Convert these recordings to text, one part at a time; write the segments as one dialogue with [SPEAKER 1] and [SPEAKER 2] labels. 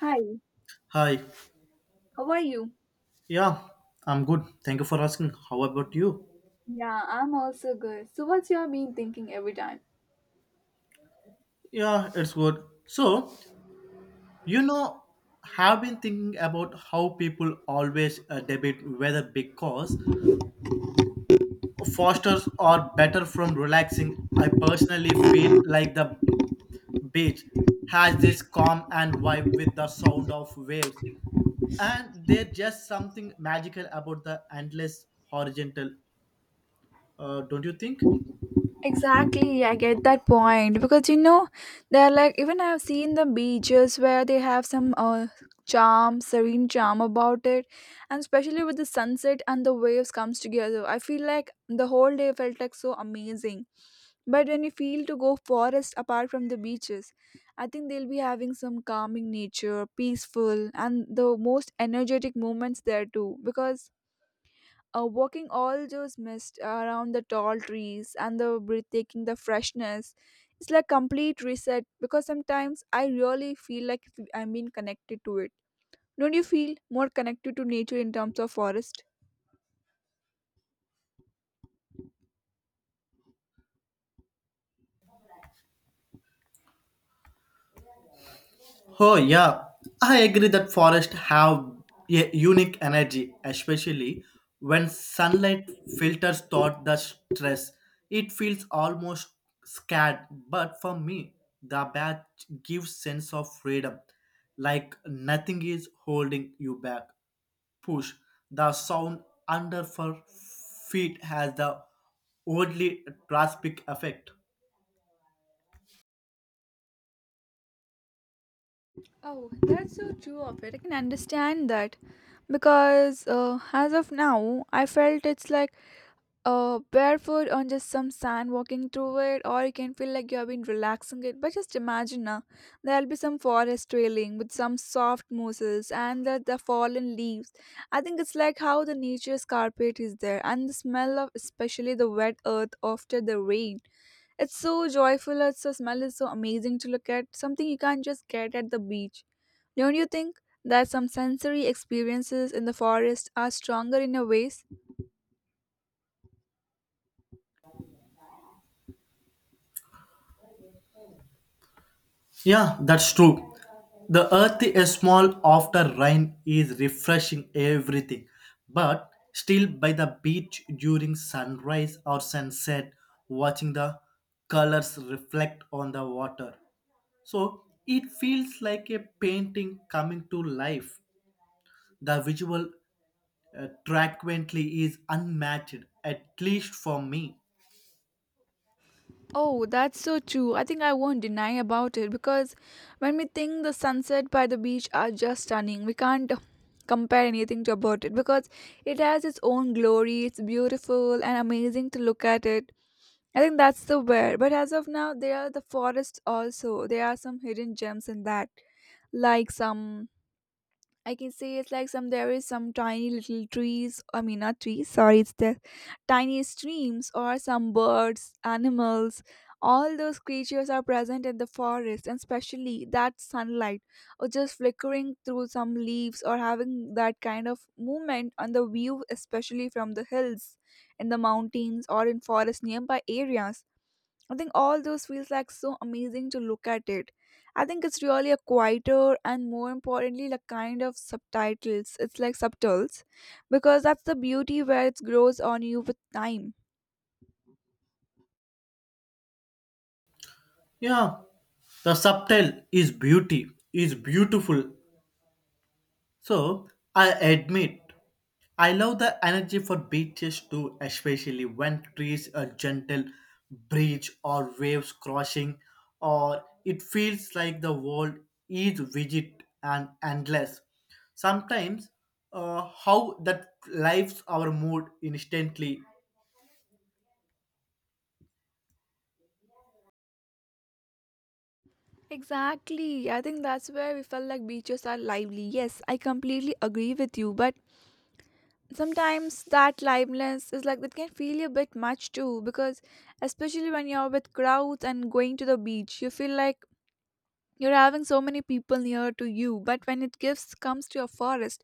[SPEAKER 1] Hi,
[SPEAKER 2] Hi.
[SPEAKER 1] how are you?
[SPEAKER 2] Yeah, I'm good. Thank you for asking. How about you?
[SPEAKER 1] Yeah, I'm also good. So, what's your been thinking every time?
[SPEAKER 2] Yeah, it's good. So, you know, have been thinking about how people always debate whether because fosters are better from relaxing. I personally feel like the beach has this calm and vibe with the sound of waves, and there's just something magical about the endless horizontal. Don't you think?
[SPEAKER 1] Exactly, I get that point because you know they're like even I've seen the beaches where they have some charm, serene charm about it, and especially with the sunset and the waves comes together. I feel like the whole day felt like so amazing. But when you feel to go forest apart from the beaches, I think they'll be having some calming nature, peaceful, and the most energetic moments there too. Because walking all those mist around the tall trees and the breathtaking the freshness, it's like complete reset because sometimes I really feel like I'm being connected to it. Don't you feel more connected to nature in terms of forest?
[SPEAKER 2] Oh yeah, I agree that forests have a unique energy, especially when sunlight filters through the stress. It feels almost scared, but for me, the bath gives sense of freedom, like nothing is holding you back. Push the sound under for feet has the oddly drastic effect.
[SPEAKER 1] Oh, that's so true of it. I can understand that because as of now I felt it's like barefoot on just some sand walking through it, or you can feel like you have been relaxing it. But just imagine now, there'll be some forest trailing with some soft mosses and the fallen leaves. I think it's like how the nature's carpet is there, and the smell of especially the wet earth after the rain. It's so joyful, it's the smell is so amazing to look at, something you can't just get at the beach. Don't you think that some sensory experiences in the forest are stronger in a ways?
[SPEAKER 2] Yeah, that's true. The earth is small after rain is refreshing everything, but still by the beach during sunrise or sunset, watching the colors reflect on the water. So it feels like a painting coming to life. The visual frequently is unmatched, at least for me.
[SPEAKER 1] Oh, that's so true. I think I won't deny about it because when we think the sunset by the beach are just stunning, we can't compare anything to about it because it has its own glory. It's beautiful and amazing to look at it. I think that's the where. But as of now, there are the forests also. There are some hidden gems in that, like some I can say it's like some there is some tiny little trees. I mean, not trees. Sorry, it's the tiny streams or some birds, animals. All those creatures are present in the forest, and especially that sunlight, or just flickering through some leaves, or having that kind of movement on the view, especially from the hills, in the mountains, or in forest nearby areas. I think all those feels like so amazing to look at it. I think it's really a quieter and more importantly like kind of subtitles. It's like subtitles because that's the beauty where it grows on you with time.
[SPEAKER 2] Yeah, the subtle is beauty, is beautiful. So I admit I love the energy for beaches too, especially when trees a gentle breeze or waves crashing, or it feels like the world is rigid and endless. Sometimes, how that lifts our mood instantly.
[SPEAKER 1] Exactly. I think that's where we felt like beaches are lively. Yes, I completely agree with you, but sometimes that liveliness is like that can feel a bit much too because especially when you're with crowds and going to the beach you feel like you're having so many people near to you, but when it gives comes to your forest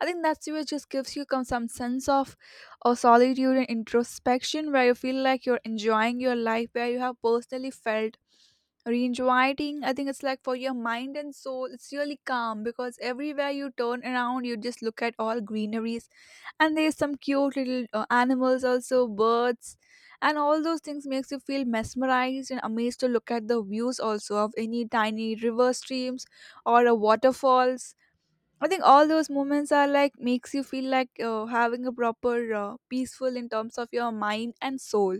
[SPEAKER 1] I think that's where it just gives you come some sense of or solitude and introspection where you feel like you're enjoying your life where you have personally felt reinviting. I think it's like for your mind and soul it's really calm because everywhere you turn around you just look at all greeneries, and there's some cute little animals also birds, and all those things makes you feel mesmerized and amazed to look at the views also of any tiny river streams or a waterfalls. I think all those moments are like makes you feel like having a proper peaceful in terms of your mind and soul.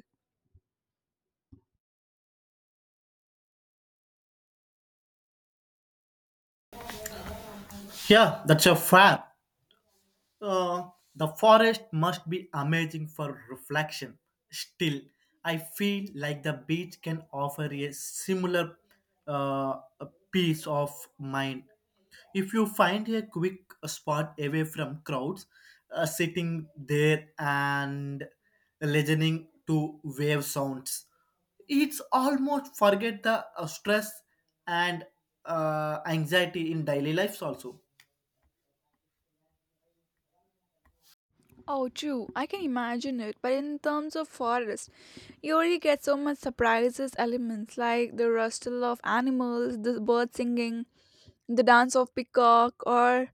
[SPEAKER 2] Yeah, that's a fact. Uh, the forest must be amazing for reflection. Still, I feel like the beach can offer a similar uh, peace of mind. If you find a quick spot away from crowds, sitting there and listening to wave sounds, it's almost forget the stress and anxiety in daily lives also.
[SPEAKER 1] Oh, true. I can imagine it. But in terms of forest, you already get so much surprises elements like the rustle of animals, the bird singing, the dance of peacock, or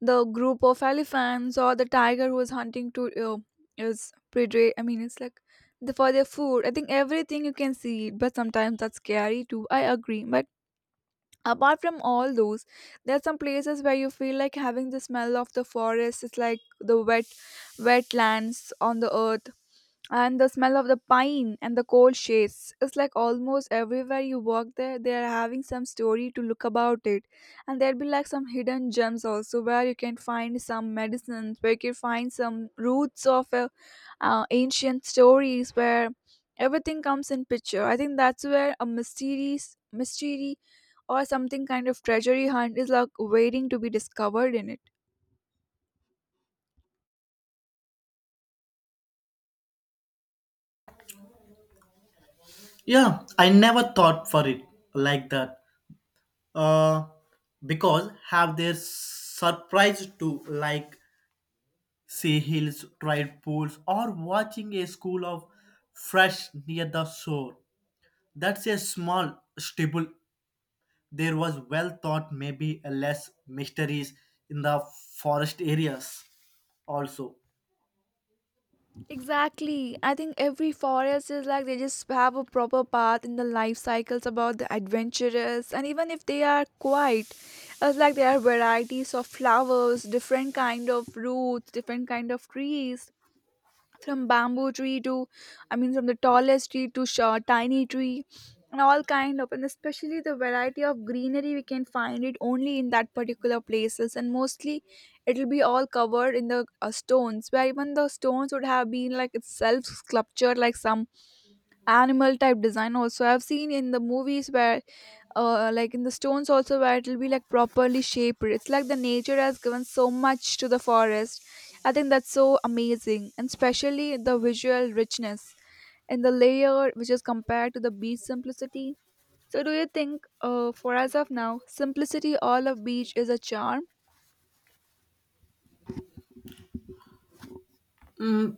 [SPEAKER 1] the group of elephants, or the tiger who is hunting to is prey. I mean, it's like the, for their food. I think everything you can see, but sometimes that's scary too. I agree, but apart from all those there are some places where you feel like having the smell of the forest, it's like the wet wetlands on the earth and the smell of the pine and the cold shades. It's like almost everywhere you walk there they are having some story to look about it, and there'll be like some hidden gems also where you can find some medicines, where you can find some roots of ancient stories where everything comes in picture. I think that's where a mysterious mystery or something kind of treasury hunt is like waiting to be discovered in it.
[SPEAKER 2] Yeah, I never thought for it like that. Uh, because have their surprise to like see hills, tide pools, or watching a school of fresh near the shore. That's a small stable. There was well thought maybe a less mysteries in the forest areas also.
[SPEAKER 1] Exactly. I think every forest is like they just have a proper path in the life cycles about the adventurous, and even if they are quiet, it's like there are varieties of flowers, different kind of roots, different kind of trees, from bamboo tree to I mean from the tallest tree to short, tiny tree and all kind of, and especially the variety of greenery we can find it only in that particular places, and mostly it'll be all covered in the stones where even the stones would have been like itself sculptured like some animal type design also I've seen in the movies where like in the stones also where it'll be like properly shaped. It's like the nature has given so much to the forest. I think that's so amazing, and especially the visual richness and the layer which is compared to the beach simplicity. So do you think for as of now simplicity all of beach is a charm?
[SPEAKER 2] Mm,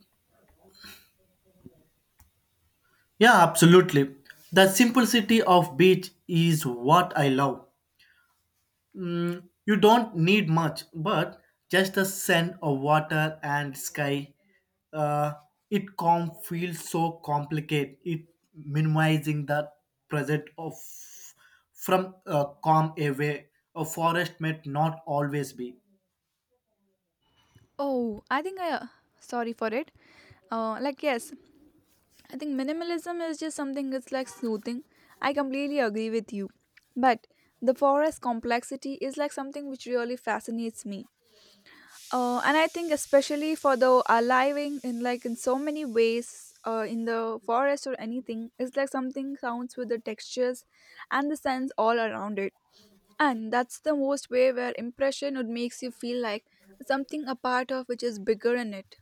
[SPEAKER 2] yeah, absolutely. The simplicity of beach is what I love. You don't need much, but just the scent of water and sky. Uh, it calm feels so complicated. It minimizing the present of from calm away. A forest may not always be.
[SPEAKER 1] Oh, I think I sorry for it like yes, I think minimalism is just something that's like soothing. I completely agree with you. But the forest complexity is like something which really fascinates me. And I think especially for the aliving in like in so many ways in the forest or anything it's like something sounds with the textures and the sense all around it. And that's the most way where impression would makes you feel like something a part of which is bigger in it.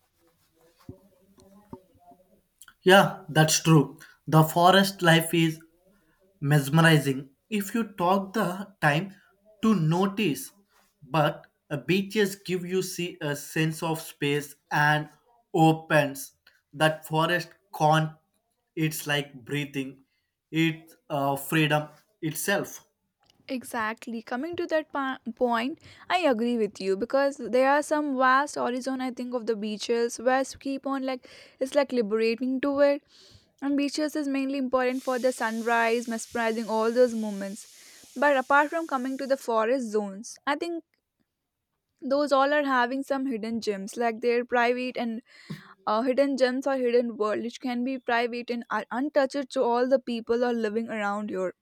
[SPEAKER 2] Yeah, that's true. The forest life is mesmerizing if you talk the time to notice, but beaches give you see a sense of space and opens that forest can't. It's like breathing. It's freedom itself.
[SPEAKER 1] Exactly. Coming to that point, I agree with you because there are some vast horizon. I think of the beaches where keep on like it's like liberating to it, and beaches is mainly important for the sunrise, mesmerizing all those moments. But apart from coming to the forest zones, I think those all are having some hidden gems, like they're private and hidden gems or hidden world, which can be private and are untouched to all the people are living around here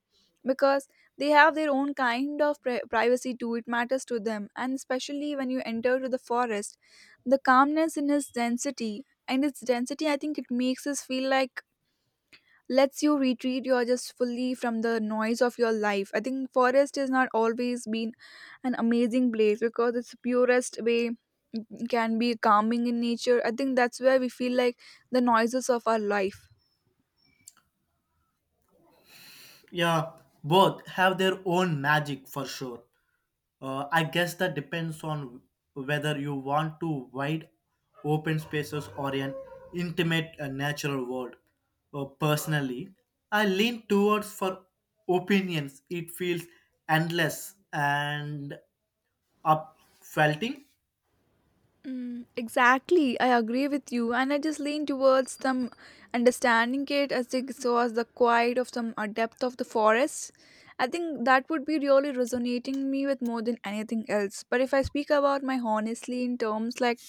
[SPEAKER 1] because they have their own kind of privacy too. It matters to them, and especially when you enter to the forest the calmness in its density and its density I think it makes us feel like lets you retreat you're just fully from the noise of your life. I think forest has not always been an amazing place because it's purest way can be calming in nature. I think that's where we feel like the noises of our life.
[SPEAKER 2] Yeah, both have their own magic for sure. I guess that depends on whether you want to wide open spaces or an intimate natural world. Personally, I lean towards for opinions. It feels endless and upfelting.
[SPEAKER 1] Mm, exactly, I agree with you, and I just lean towards them understanding it as they saw the quiet of some depth of the forest. I think that would be really resonating me with more than anything else. But if I speak about my honestly in terms like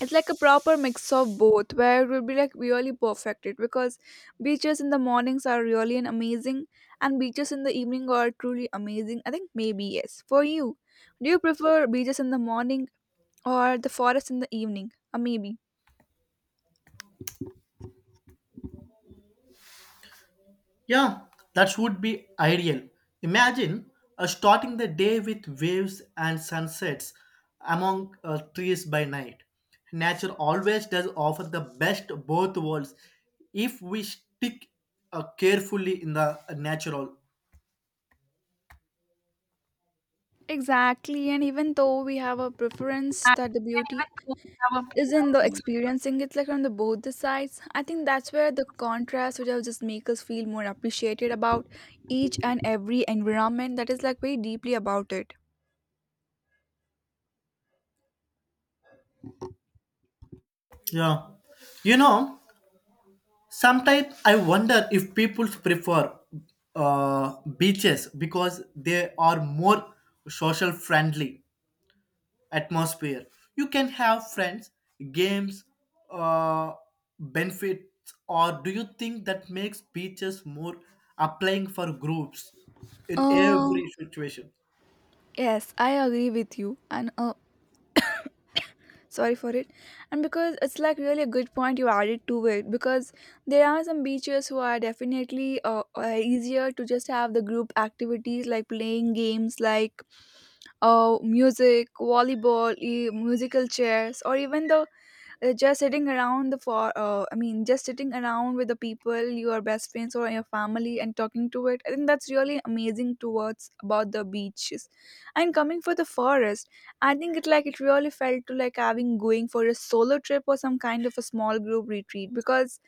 [SPEAKER 1] it's like a proper mix of both, where it would be like really perfected because beaches in the mornings are really an amazing, and beaches in the evening are truly amazing. I think maybe yes for you. Do you prefer beaches in the morning or the forest in the evening, or maybe.
[SPEAKER 2] Yeah, that would be ideal. Imagine starting the day with waves and sunsets among trees by night. Nature always does offer the best both worlds if we stick carefully in the natural.
[SPEAKER 1] Exactly, and even though we have a preference that the beauty is in the experiencing it, like on the both the sides, I think that's where the contrast would have just make us feel more appreciated about each and every environment that is like very deeply about it.
[SPEAKER 2] Yeah. You know, sometimes I wonder if people prefer beaches because they are more social friendly atmosphere. You can have friends, games, uh, benefits, or do you think that makes beaches more applying for groups in
[SPEAKER 1] Uh
[SPEAKER 2] every situation?
[SPEAKER 1] yes, I agree with you, and sorry for it, and because it's like really a good point you added to it because there are some beaches who are definitely easier to just have the group activities like playing games like music volleyball musical chairs, or even the just sitting around the for I mean just sitting around with the people your best friends or your family and talking to it. I think that's really amazing towards about the beaches, and coming for the forest I think it like it really felt to like having going for a solo trip or some kind of a small group retreat because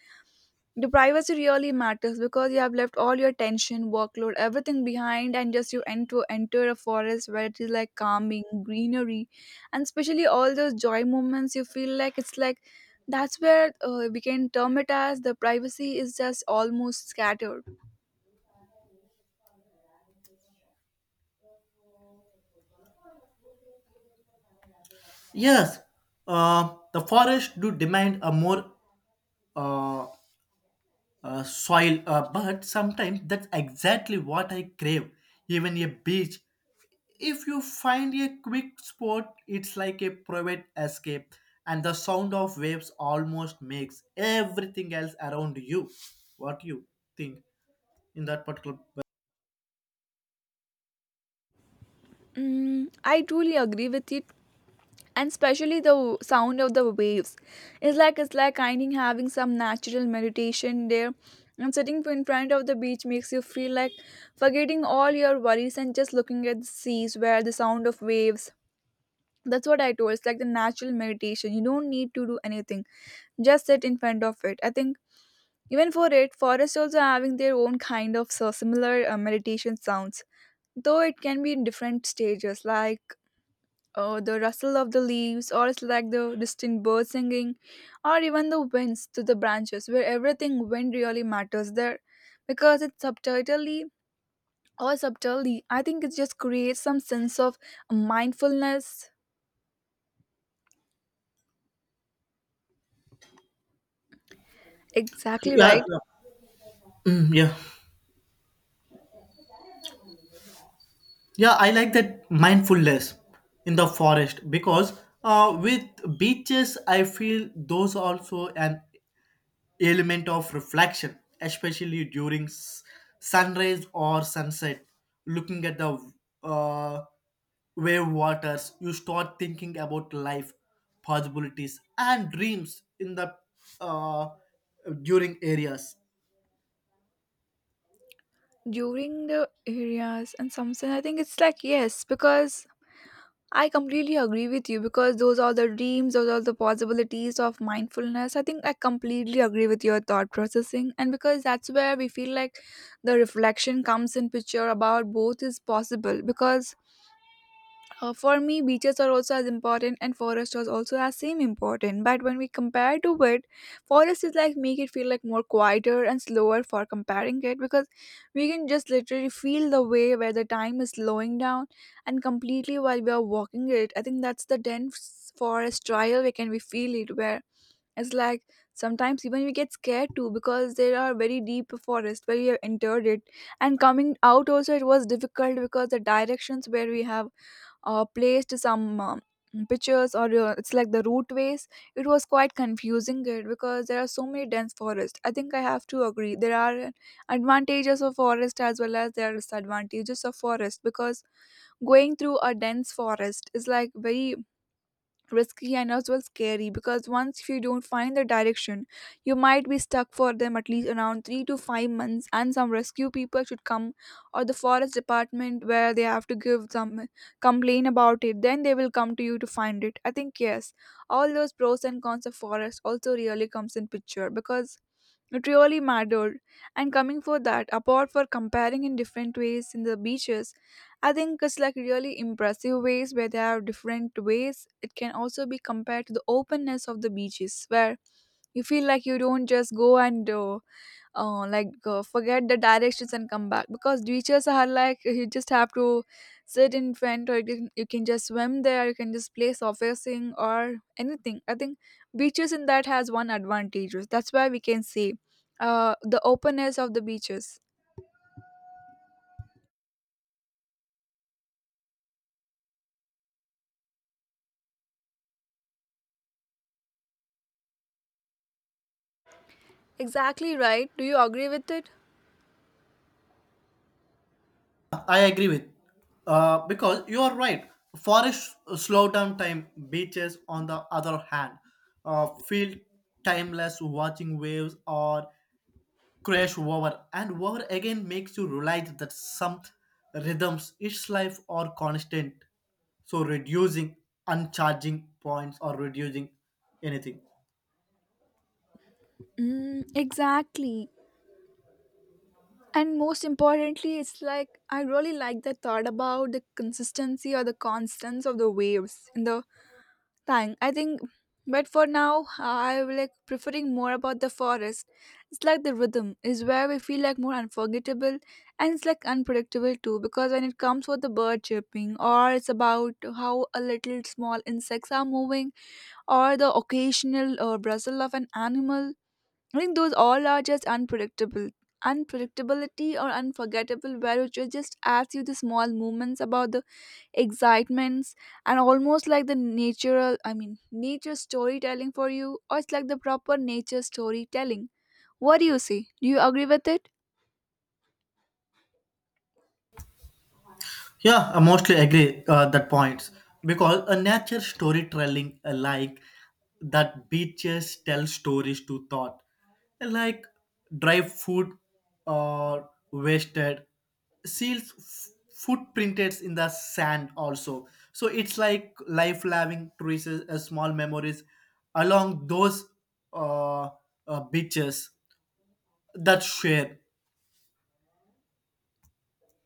[SPEAKER 1] the privacy really matters because you have left all your tension, workload, everything behind and just you enter a forest where it is like calming, greenery, and especially all those joy moments you feel like it's like that's where we can term it as the privacy is just almost scattered.
[SPEAKER 2] Yes, the forest do demand a more uh, soil, but sometimes that's exactly what I crave. Even a beach, if you find a quick spot, it's like a private escape, and the sound of waves almost makes everything else around you. What you think in that particular?
[SPEAKER 1] Mm, I truly agree with it. And especially the sound of the waves. It's like kind of having some natural meditation there. And sitting in front of the beach makes you feel like forgetting all your worries and just looking at the seas where the sound of waves. That's what I told. It's like the natural meditation. You don't need to do anything. Just sit in front of it. I think even for it, forests also having their own kind of so similar meditation sounds though it can be in different stages like or the rustle of the leaves, or it's like the distant birds singing, or even the winds through the branches, where everything wind really matters there, because it's subtitly or subtly. I think it just creates some sense of mindfulness. Exactly
[SPEAKER 2] Yeah,
[SPEAKER 1] right.
[SPEAKER 2] yeah, mm, yeah. Yeah, I like that mindfulness in the forest because with beaches, I feel those also an element of reflection, especially during sunrise or sunset. Looking at the uh, wave waters, you start thinking about life, possibilities, and dreams in the uh, during areas.
[SPEAKER 1] During the areas and some sense, I think it's like yes, because I completely agree with you because those are the dreams, those are the possibilities of mindfulness. I think I completely agree with your thought processing, and because that's where we feel like the reflection comes in picture about both is possible because for me, beaches are also as important, and forest was also as same important. But when we compare to it, forest is like make it feel like more quieter and slower for comparing it because we can just literally feel the way where the time is slowing down and completely while we are walking it. I think that's the dense forest trial we feel it where it's like sometimes even we get scared too because there are very deep forest where we have entered it, and coming out also it was difficult because the directions where we have placed some pictures or it's like the routeways, it was quite confusing it because there are so many dense forests. I think I have to agree there are advantages of forest as well as there are disadvantages of forest because going through a dense forest is like very risky and as well scary because once if you don't find the direction you might be stuck for them at least around 3 to 5 months and some rescue people should come, or the forest department where they have to give some complain about it, then they will come to you to find it. I think yes, all those pros and cons of forest also really comes in picture because it really mattered, and coming for that, apart for comparing in different ways in the beaches, I think it's like really impressive ways where there are different ways. It can also be compared to the openness of the beaches, where you feel like you don't just go and like forget the directions and come back because beaches are like you just have to sit in front, or you can just swim there, you can just play surfacing or anything. I think beaches in that has one advantage. That's why we can see the openness of the beaches. Exactly right. Do you agree with it?
[SPEAKER 2] I agree with because you are right. Forest slow down time. Beaches, on the other hand, feel timeless. Watching waves or crash over and over again makes you realize that some rhythms its life are constant, so reducing uncharging points or reducing anything.
[SPEAKER 1] Mm, exactly. And most importantly, it's like I really like the thought about the consistency or the constants of the waves in the Thank. I think, but for now, I will like preferring more about the forest. It's like the rhythm is where we feel like more unforgettable, and it's like unpredictable too. Because when it comes with the bird chirping, or it's about how a little small insects are moving, or the occasional rustle of an animal, I think those all are just unpredictable. Unpredictability or unforgettable, where just adds you the small moments about the excitements and almost like the natural, I mean nature storytelling for you, or it's like the proper nature storytelling. What do you see? Do you agree with it?
[SPEAKER 2] Yeah, I mostly agree that points because a nature storytelling, like that beaches tell stories to thought, like dry food or wasted seals footprinted in the sand also, so it's like life loving traces, small memories along those uh, beaches that share.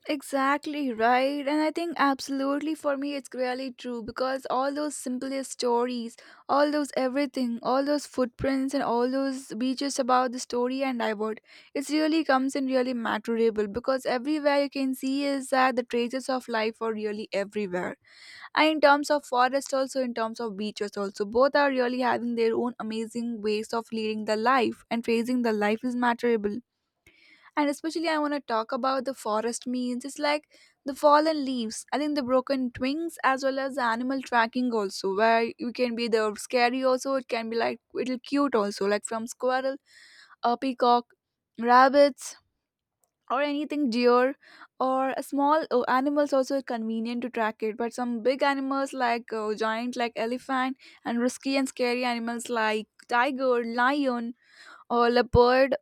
[SPEAKER 1] Exactly right, and I think absolutely for me it's really true because all those simplest stories, all those everything, all those footprints, and all those beaches about the story and divert, it really comes in really matterable because everywhere you can see is that the traces of life are really everywhere. And in terms of forest also, in terms of beaches also, both are really having their own amazing ways of leading the life and praising the life is matterable. And especially I want to talk about the forest means it's like the fallen leaves, I think the broken twigs, as well as the animal tracking also, where you can be the scary also, it can be like little cute also, like from squirrel, a peacock, rabbits, or anything deer, or a small animals also convenient to track it, but some big animals like giant like elephant, and risky and scary animals like tiger, lion, or leopard.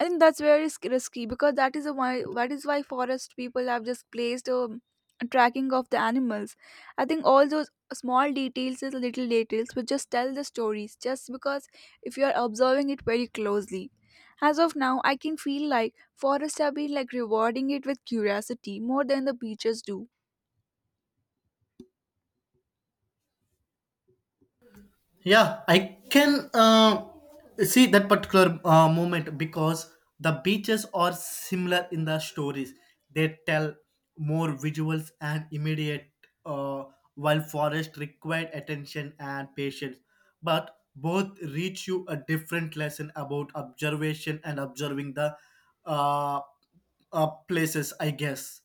[SPEAKER 1] I think that's very risky because that is why forest people have just placed a tracking of the animals. I think all those small details is little details which just tell the stories just because if you are observing it very closely. As of now, I can feel like forests have been like rewarding it with curiosity more than the beaches do.
[SPEAKER 2] Yeah, I can see that particular moment because the beaches are similar in the stories. They tell more visuals and immediate, uh, while forest required attention and patience. But both reach you a different lesson about observation and observing the uh, places, I guess.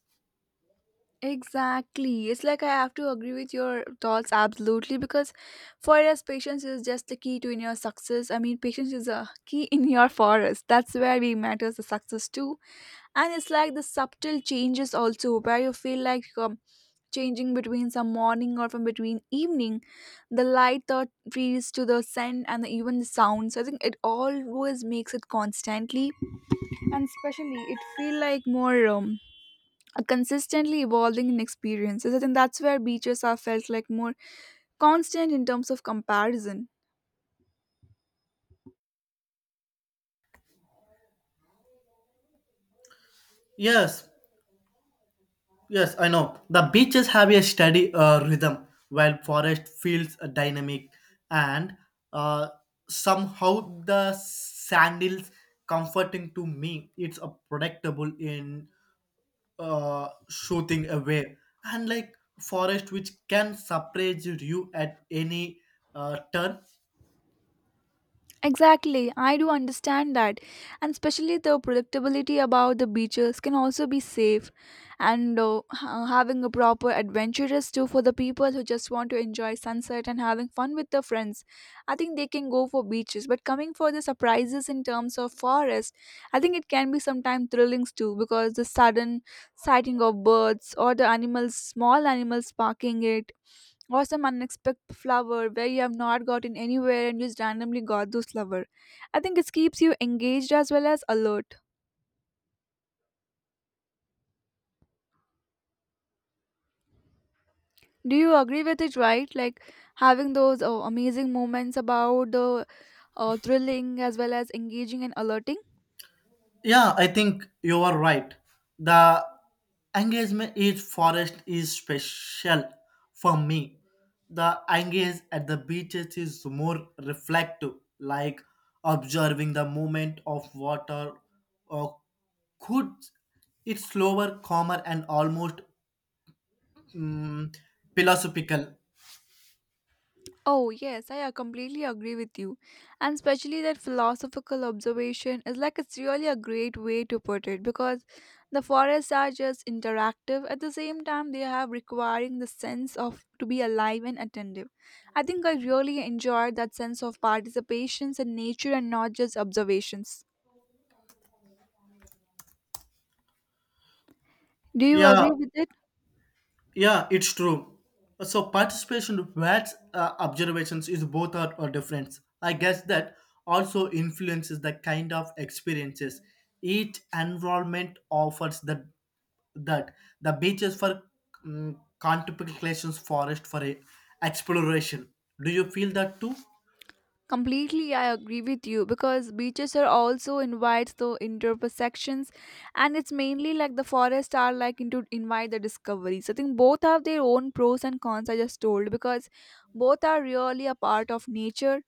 [SPEAKER 1] Exactly. It's like I have to agree with your thoughts absolutely because for us, patience is just the key to in your success. I mean, patience is a key in your forest. That's where we matters the success too. And it's like the subtle changes also where you feel like changing between some morning or from between evening, the light that breeze to the scent and the, even the sounds. I think it always makes it constantly, and especially it feel like more. A consistently evolving in experiences. I think that's where beaches are felt like more constant in terms of comparison.
[SPEAKER 2] Yes, yes, I know. The beaches have a steady rhythm, while forest feels dynamic, and uh, somehow the sandals comforting to me. It's a predictable in shooting away, and like forest which can surprise you at any turn.
[SPEAKER 1] Exactly, I do understand that, and especially the predictability about the beaches can also be safe, and having a proper adventurous too for the people who just want to enjoy sunset and having fun with their friends. I think they can go for beaches, but coming for the surprises in terms of forest, I think it can be sometimes thrilling too because the sudden sighting of birds or the animals, small animals parking it, or some unexpected flower where you have not gotten anywhere and you just randomly got those flower. I think it keeps you engaged as well as alert. Do you agree with it, right? Like having those amazing moments about the thrilling as well as engaging and alerting.
[SPEAKER 2] Yeah, I think you are right. The engagement is forest is special for me. The engage at the beaches is more reflective, like observing the movement of water or could, it's slower, calmer and almost mm, philosophical.
[SPEAKER 1] Oh, yes, I completely agree with you. And especially that philosophical observation is like it's really a great way to put it because the forests are just interactive. At the same time, they have requiring the sense of to be alive and attentive. I think I really enjoyed that sense of participations in nature and not just observations. Do you
[SPEAKER 2] Yeah,
[SPEAKER 1] agree with it?
[SPEAKER 2] yeah, it's true. So participation whereas observations is both are different. I guess that also influences the kind of experiences each environment offers. That the beaches for contemplations, forest for a exploration. Do you feel that too?
[SPEAKER 1] Completely, I agree with you because beaches are also invites the intersections, and it's mainly like the forests are like into invite the discoveries. I think both have their own pros and cons. I just told because both are really a part of nature,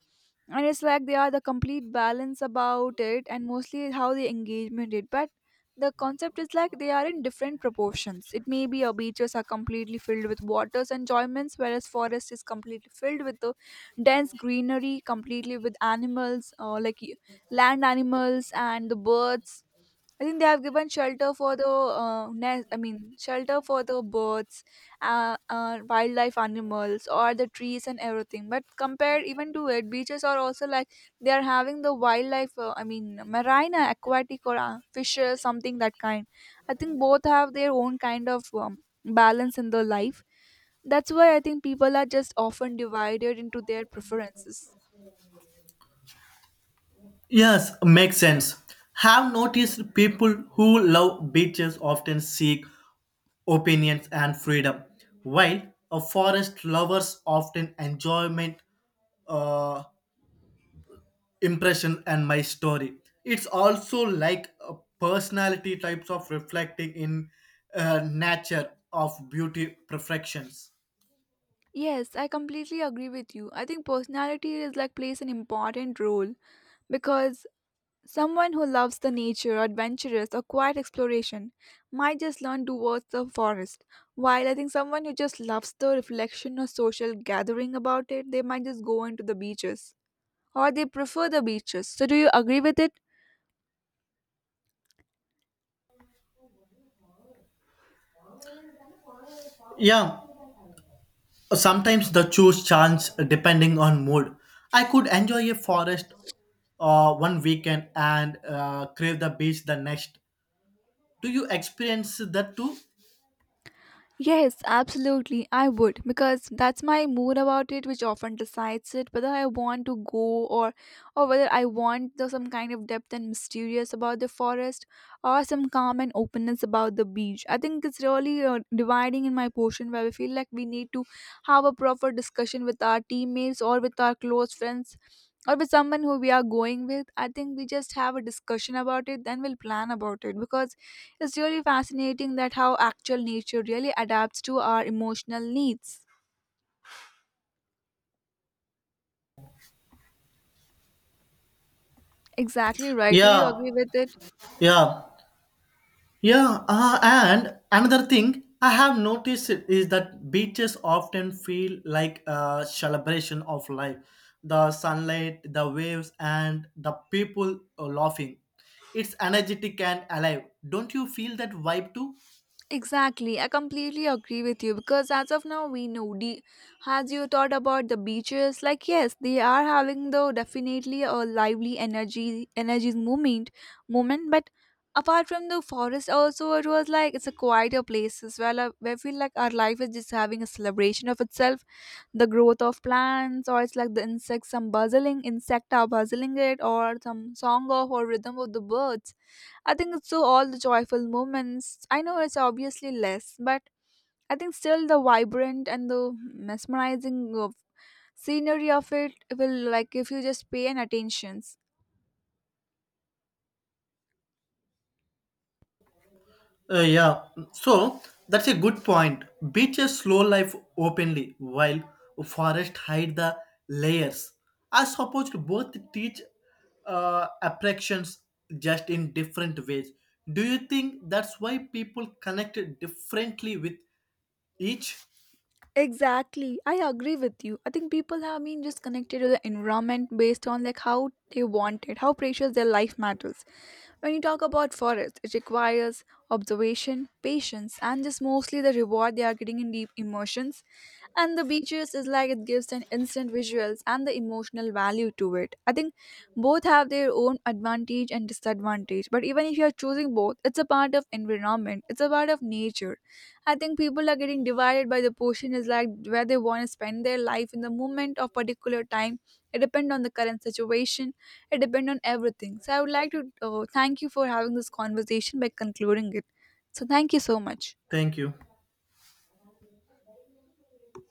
[SPEAKER 1] and it's like they are the complete balance about it and mostly how the engagement it, but the concept is like they are in different proportions. It may be our beaches are completely filled with waters enjoyments, whereas forest is completely filled with the dense greenery, completely with animals like land animals and the birds. I think they have given shelter for the nest. I mean, shelter for the birds, wildlife animals, or the trees and everything. But compared even to it, beaches are also like they are having the wildlife. I mean, marine, aquatic, or fishes, something that kind. I think both have their own kind of balance in their life. That's why I think people are just often divided into their preferences.
[SPEAKER 2] Yes, makes sense. Have noticed people who love beaches often seek opinions and freedom, while a forest lovers often enjoyment, uh, impression, and my story. It's also like a personality types of reflecting in nature of beauty perfections.
[SPEAKER 1] Yes, I completely agree with you. I think personality is like plays an important role because someone who loves the nature, adventurous, or quiet exploration might just learn towards the forest, while I think someone who just loves the reflection or social gathering about it, they might just go into the beaches. Or they prefer the beaches. So, do you agree with it?
[SPEAKER 2] Yeah, sometimes the choose chance depending on mood. I could enjoy a forest one weekend and crave the beach the next. Do you experience that too?
[SPEAKER 1] Yes, absolutely. I would because that's my mood about it, which often decides it whether I want to go, or whether I want the, some kind of depth and mysterious about the forest or some calm and openness about the beach. I think it's really dividing in my portion where we feel like we need to have a proper discussion with our teammates or with our close friends or with someone who we are going with. I think we just have a discussion about it, then we'll plan about it because it's really fascinating that how actual nature really adapts to our emotional needs. Exactly right. Do you
[SPEAKER 2] Yeah,
[SPEAKER 1] agree with it?
[SPEAKER 2] yeah, yeah. And another thing I have noticed is that beaches often feel like a celebration of life. The sunlight, the waves, and the people laughing. It's energetic and alive. Don't you feel that vibe too?
[SPEAKER 1] Exactly. I completely agree with you because as of now we know the, as you thought about the beaches, like yes, they are having though definitely a lively energy movement moment, but apart from the forest also, it was like it's a quieter place as well where I feel like our life is just having a celebration of itself, the growth of plants, or it's like the insects, some buzzing insect are buzzing it, or some song of or rhythm of the birds. I think it's so all the joyful moments. I know it's obviously less, but I think still the vibrant and the mesmerizing of scenery of it will like if you just pay an attention.
[SPEAKER 2] Yeah, so that's a good point. Beaches slow life openly, while forests hide the layers. I suppose both teach attractions just in different ways. Do you think that's why people connect differently with each?
[SPEAKER 1] Exactly. I agree with you. I think people have been just connected to the environment based on like how they want it, how precious their life matters. When you talk about forest, it requires observation, patience, and just mostly the reward they are getting in deep immersions, and the beaches is like it gives an instant visuals and the emotional value to it. I think both have their own advantage and disadvantage, but even if you are choosing both, it's a part of environment, it's a part of nature. I think people are getting divided by the portion is like where they want to spend their life in the moment of particular time. It depends on the current situation, it depends on everything. So I would like to thank you for having this conversation by concluding it. So thank you so much.
[SPEAKER 2] Thank you.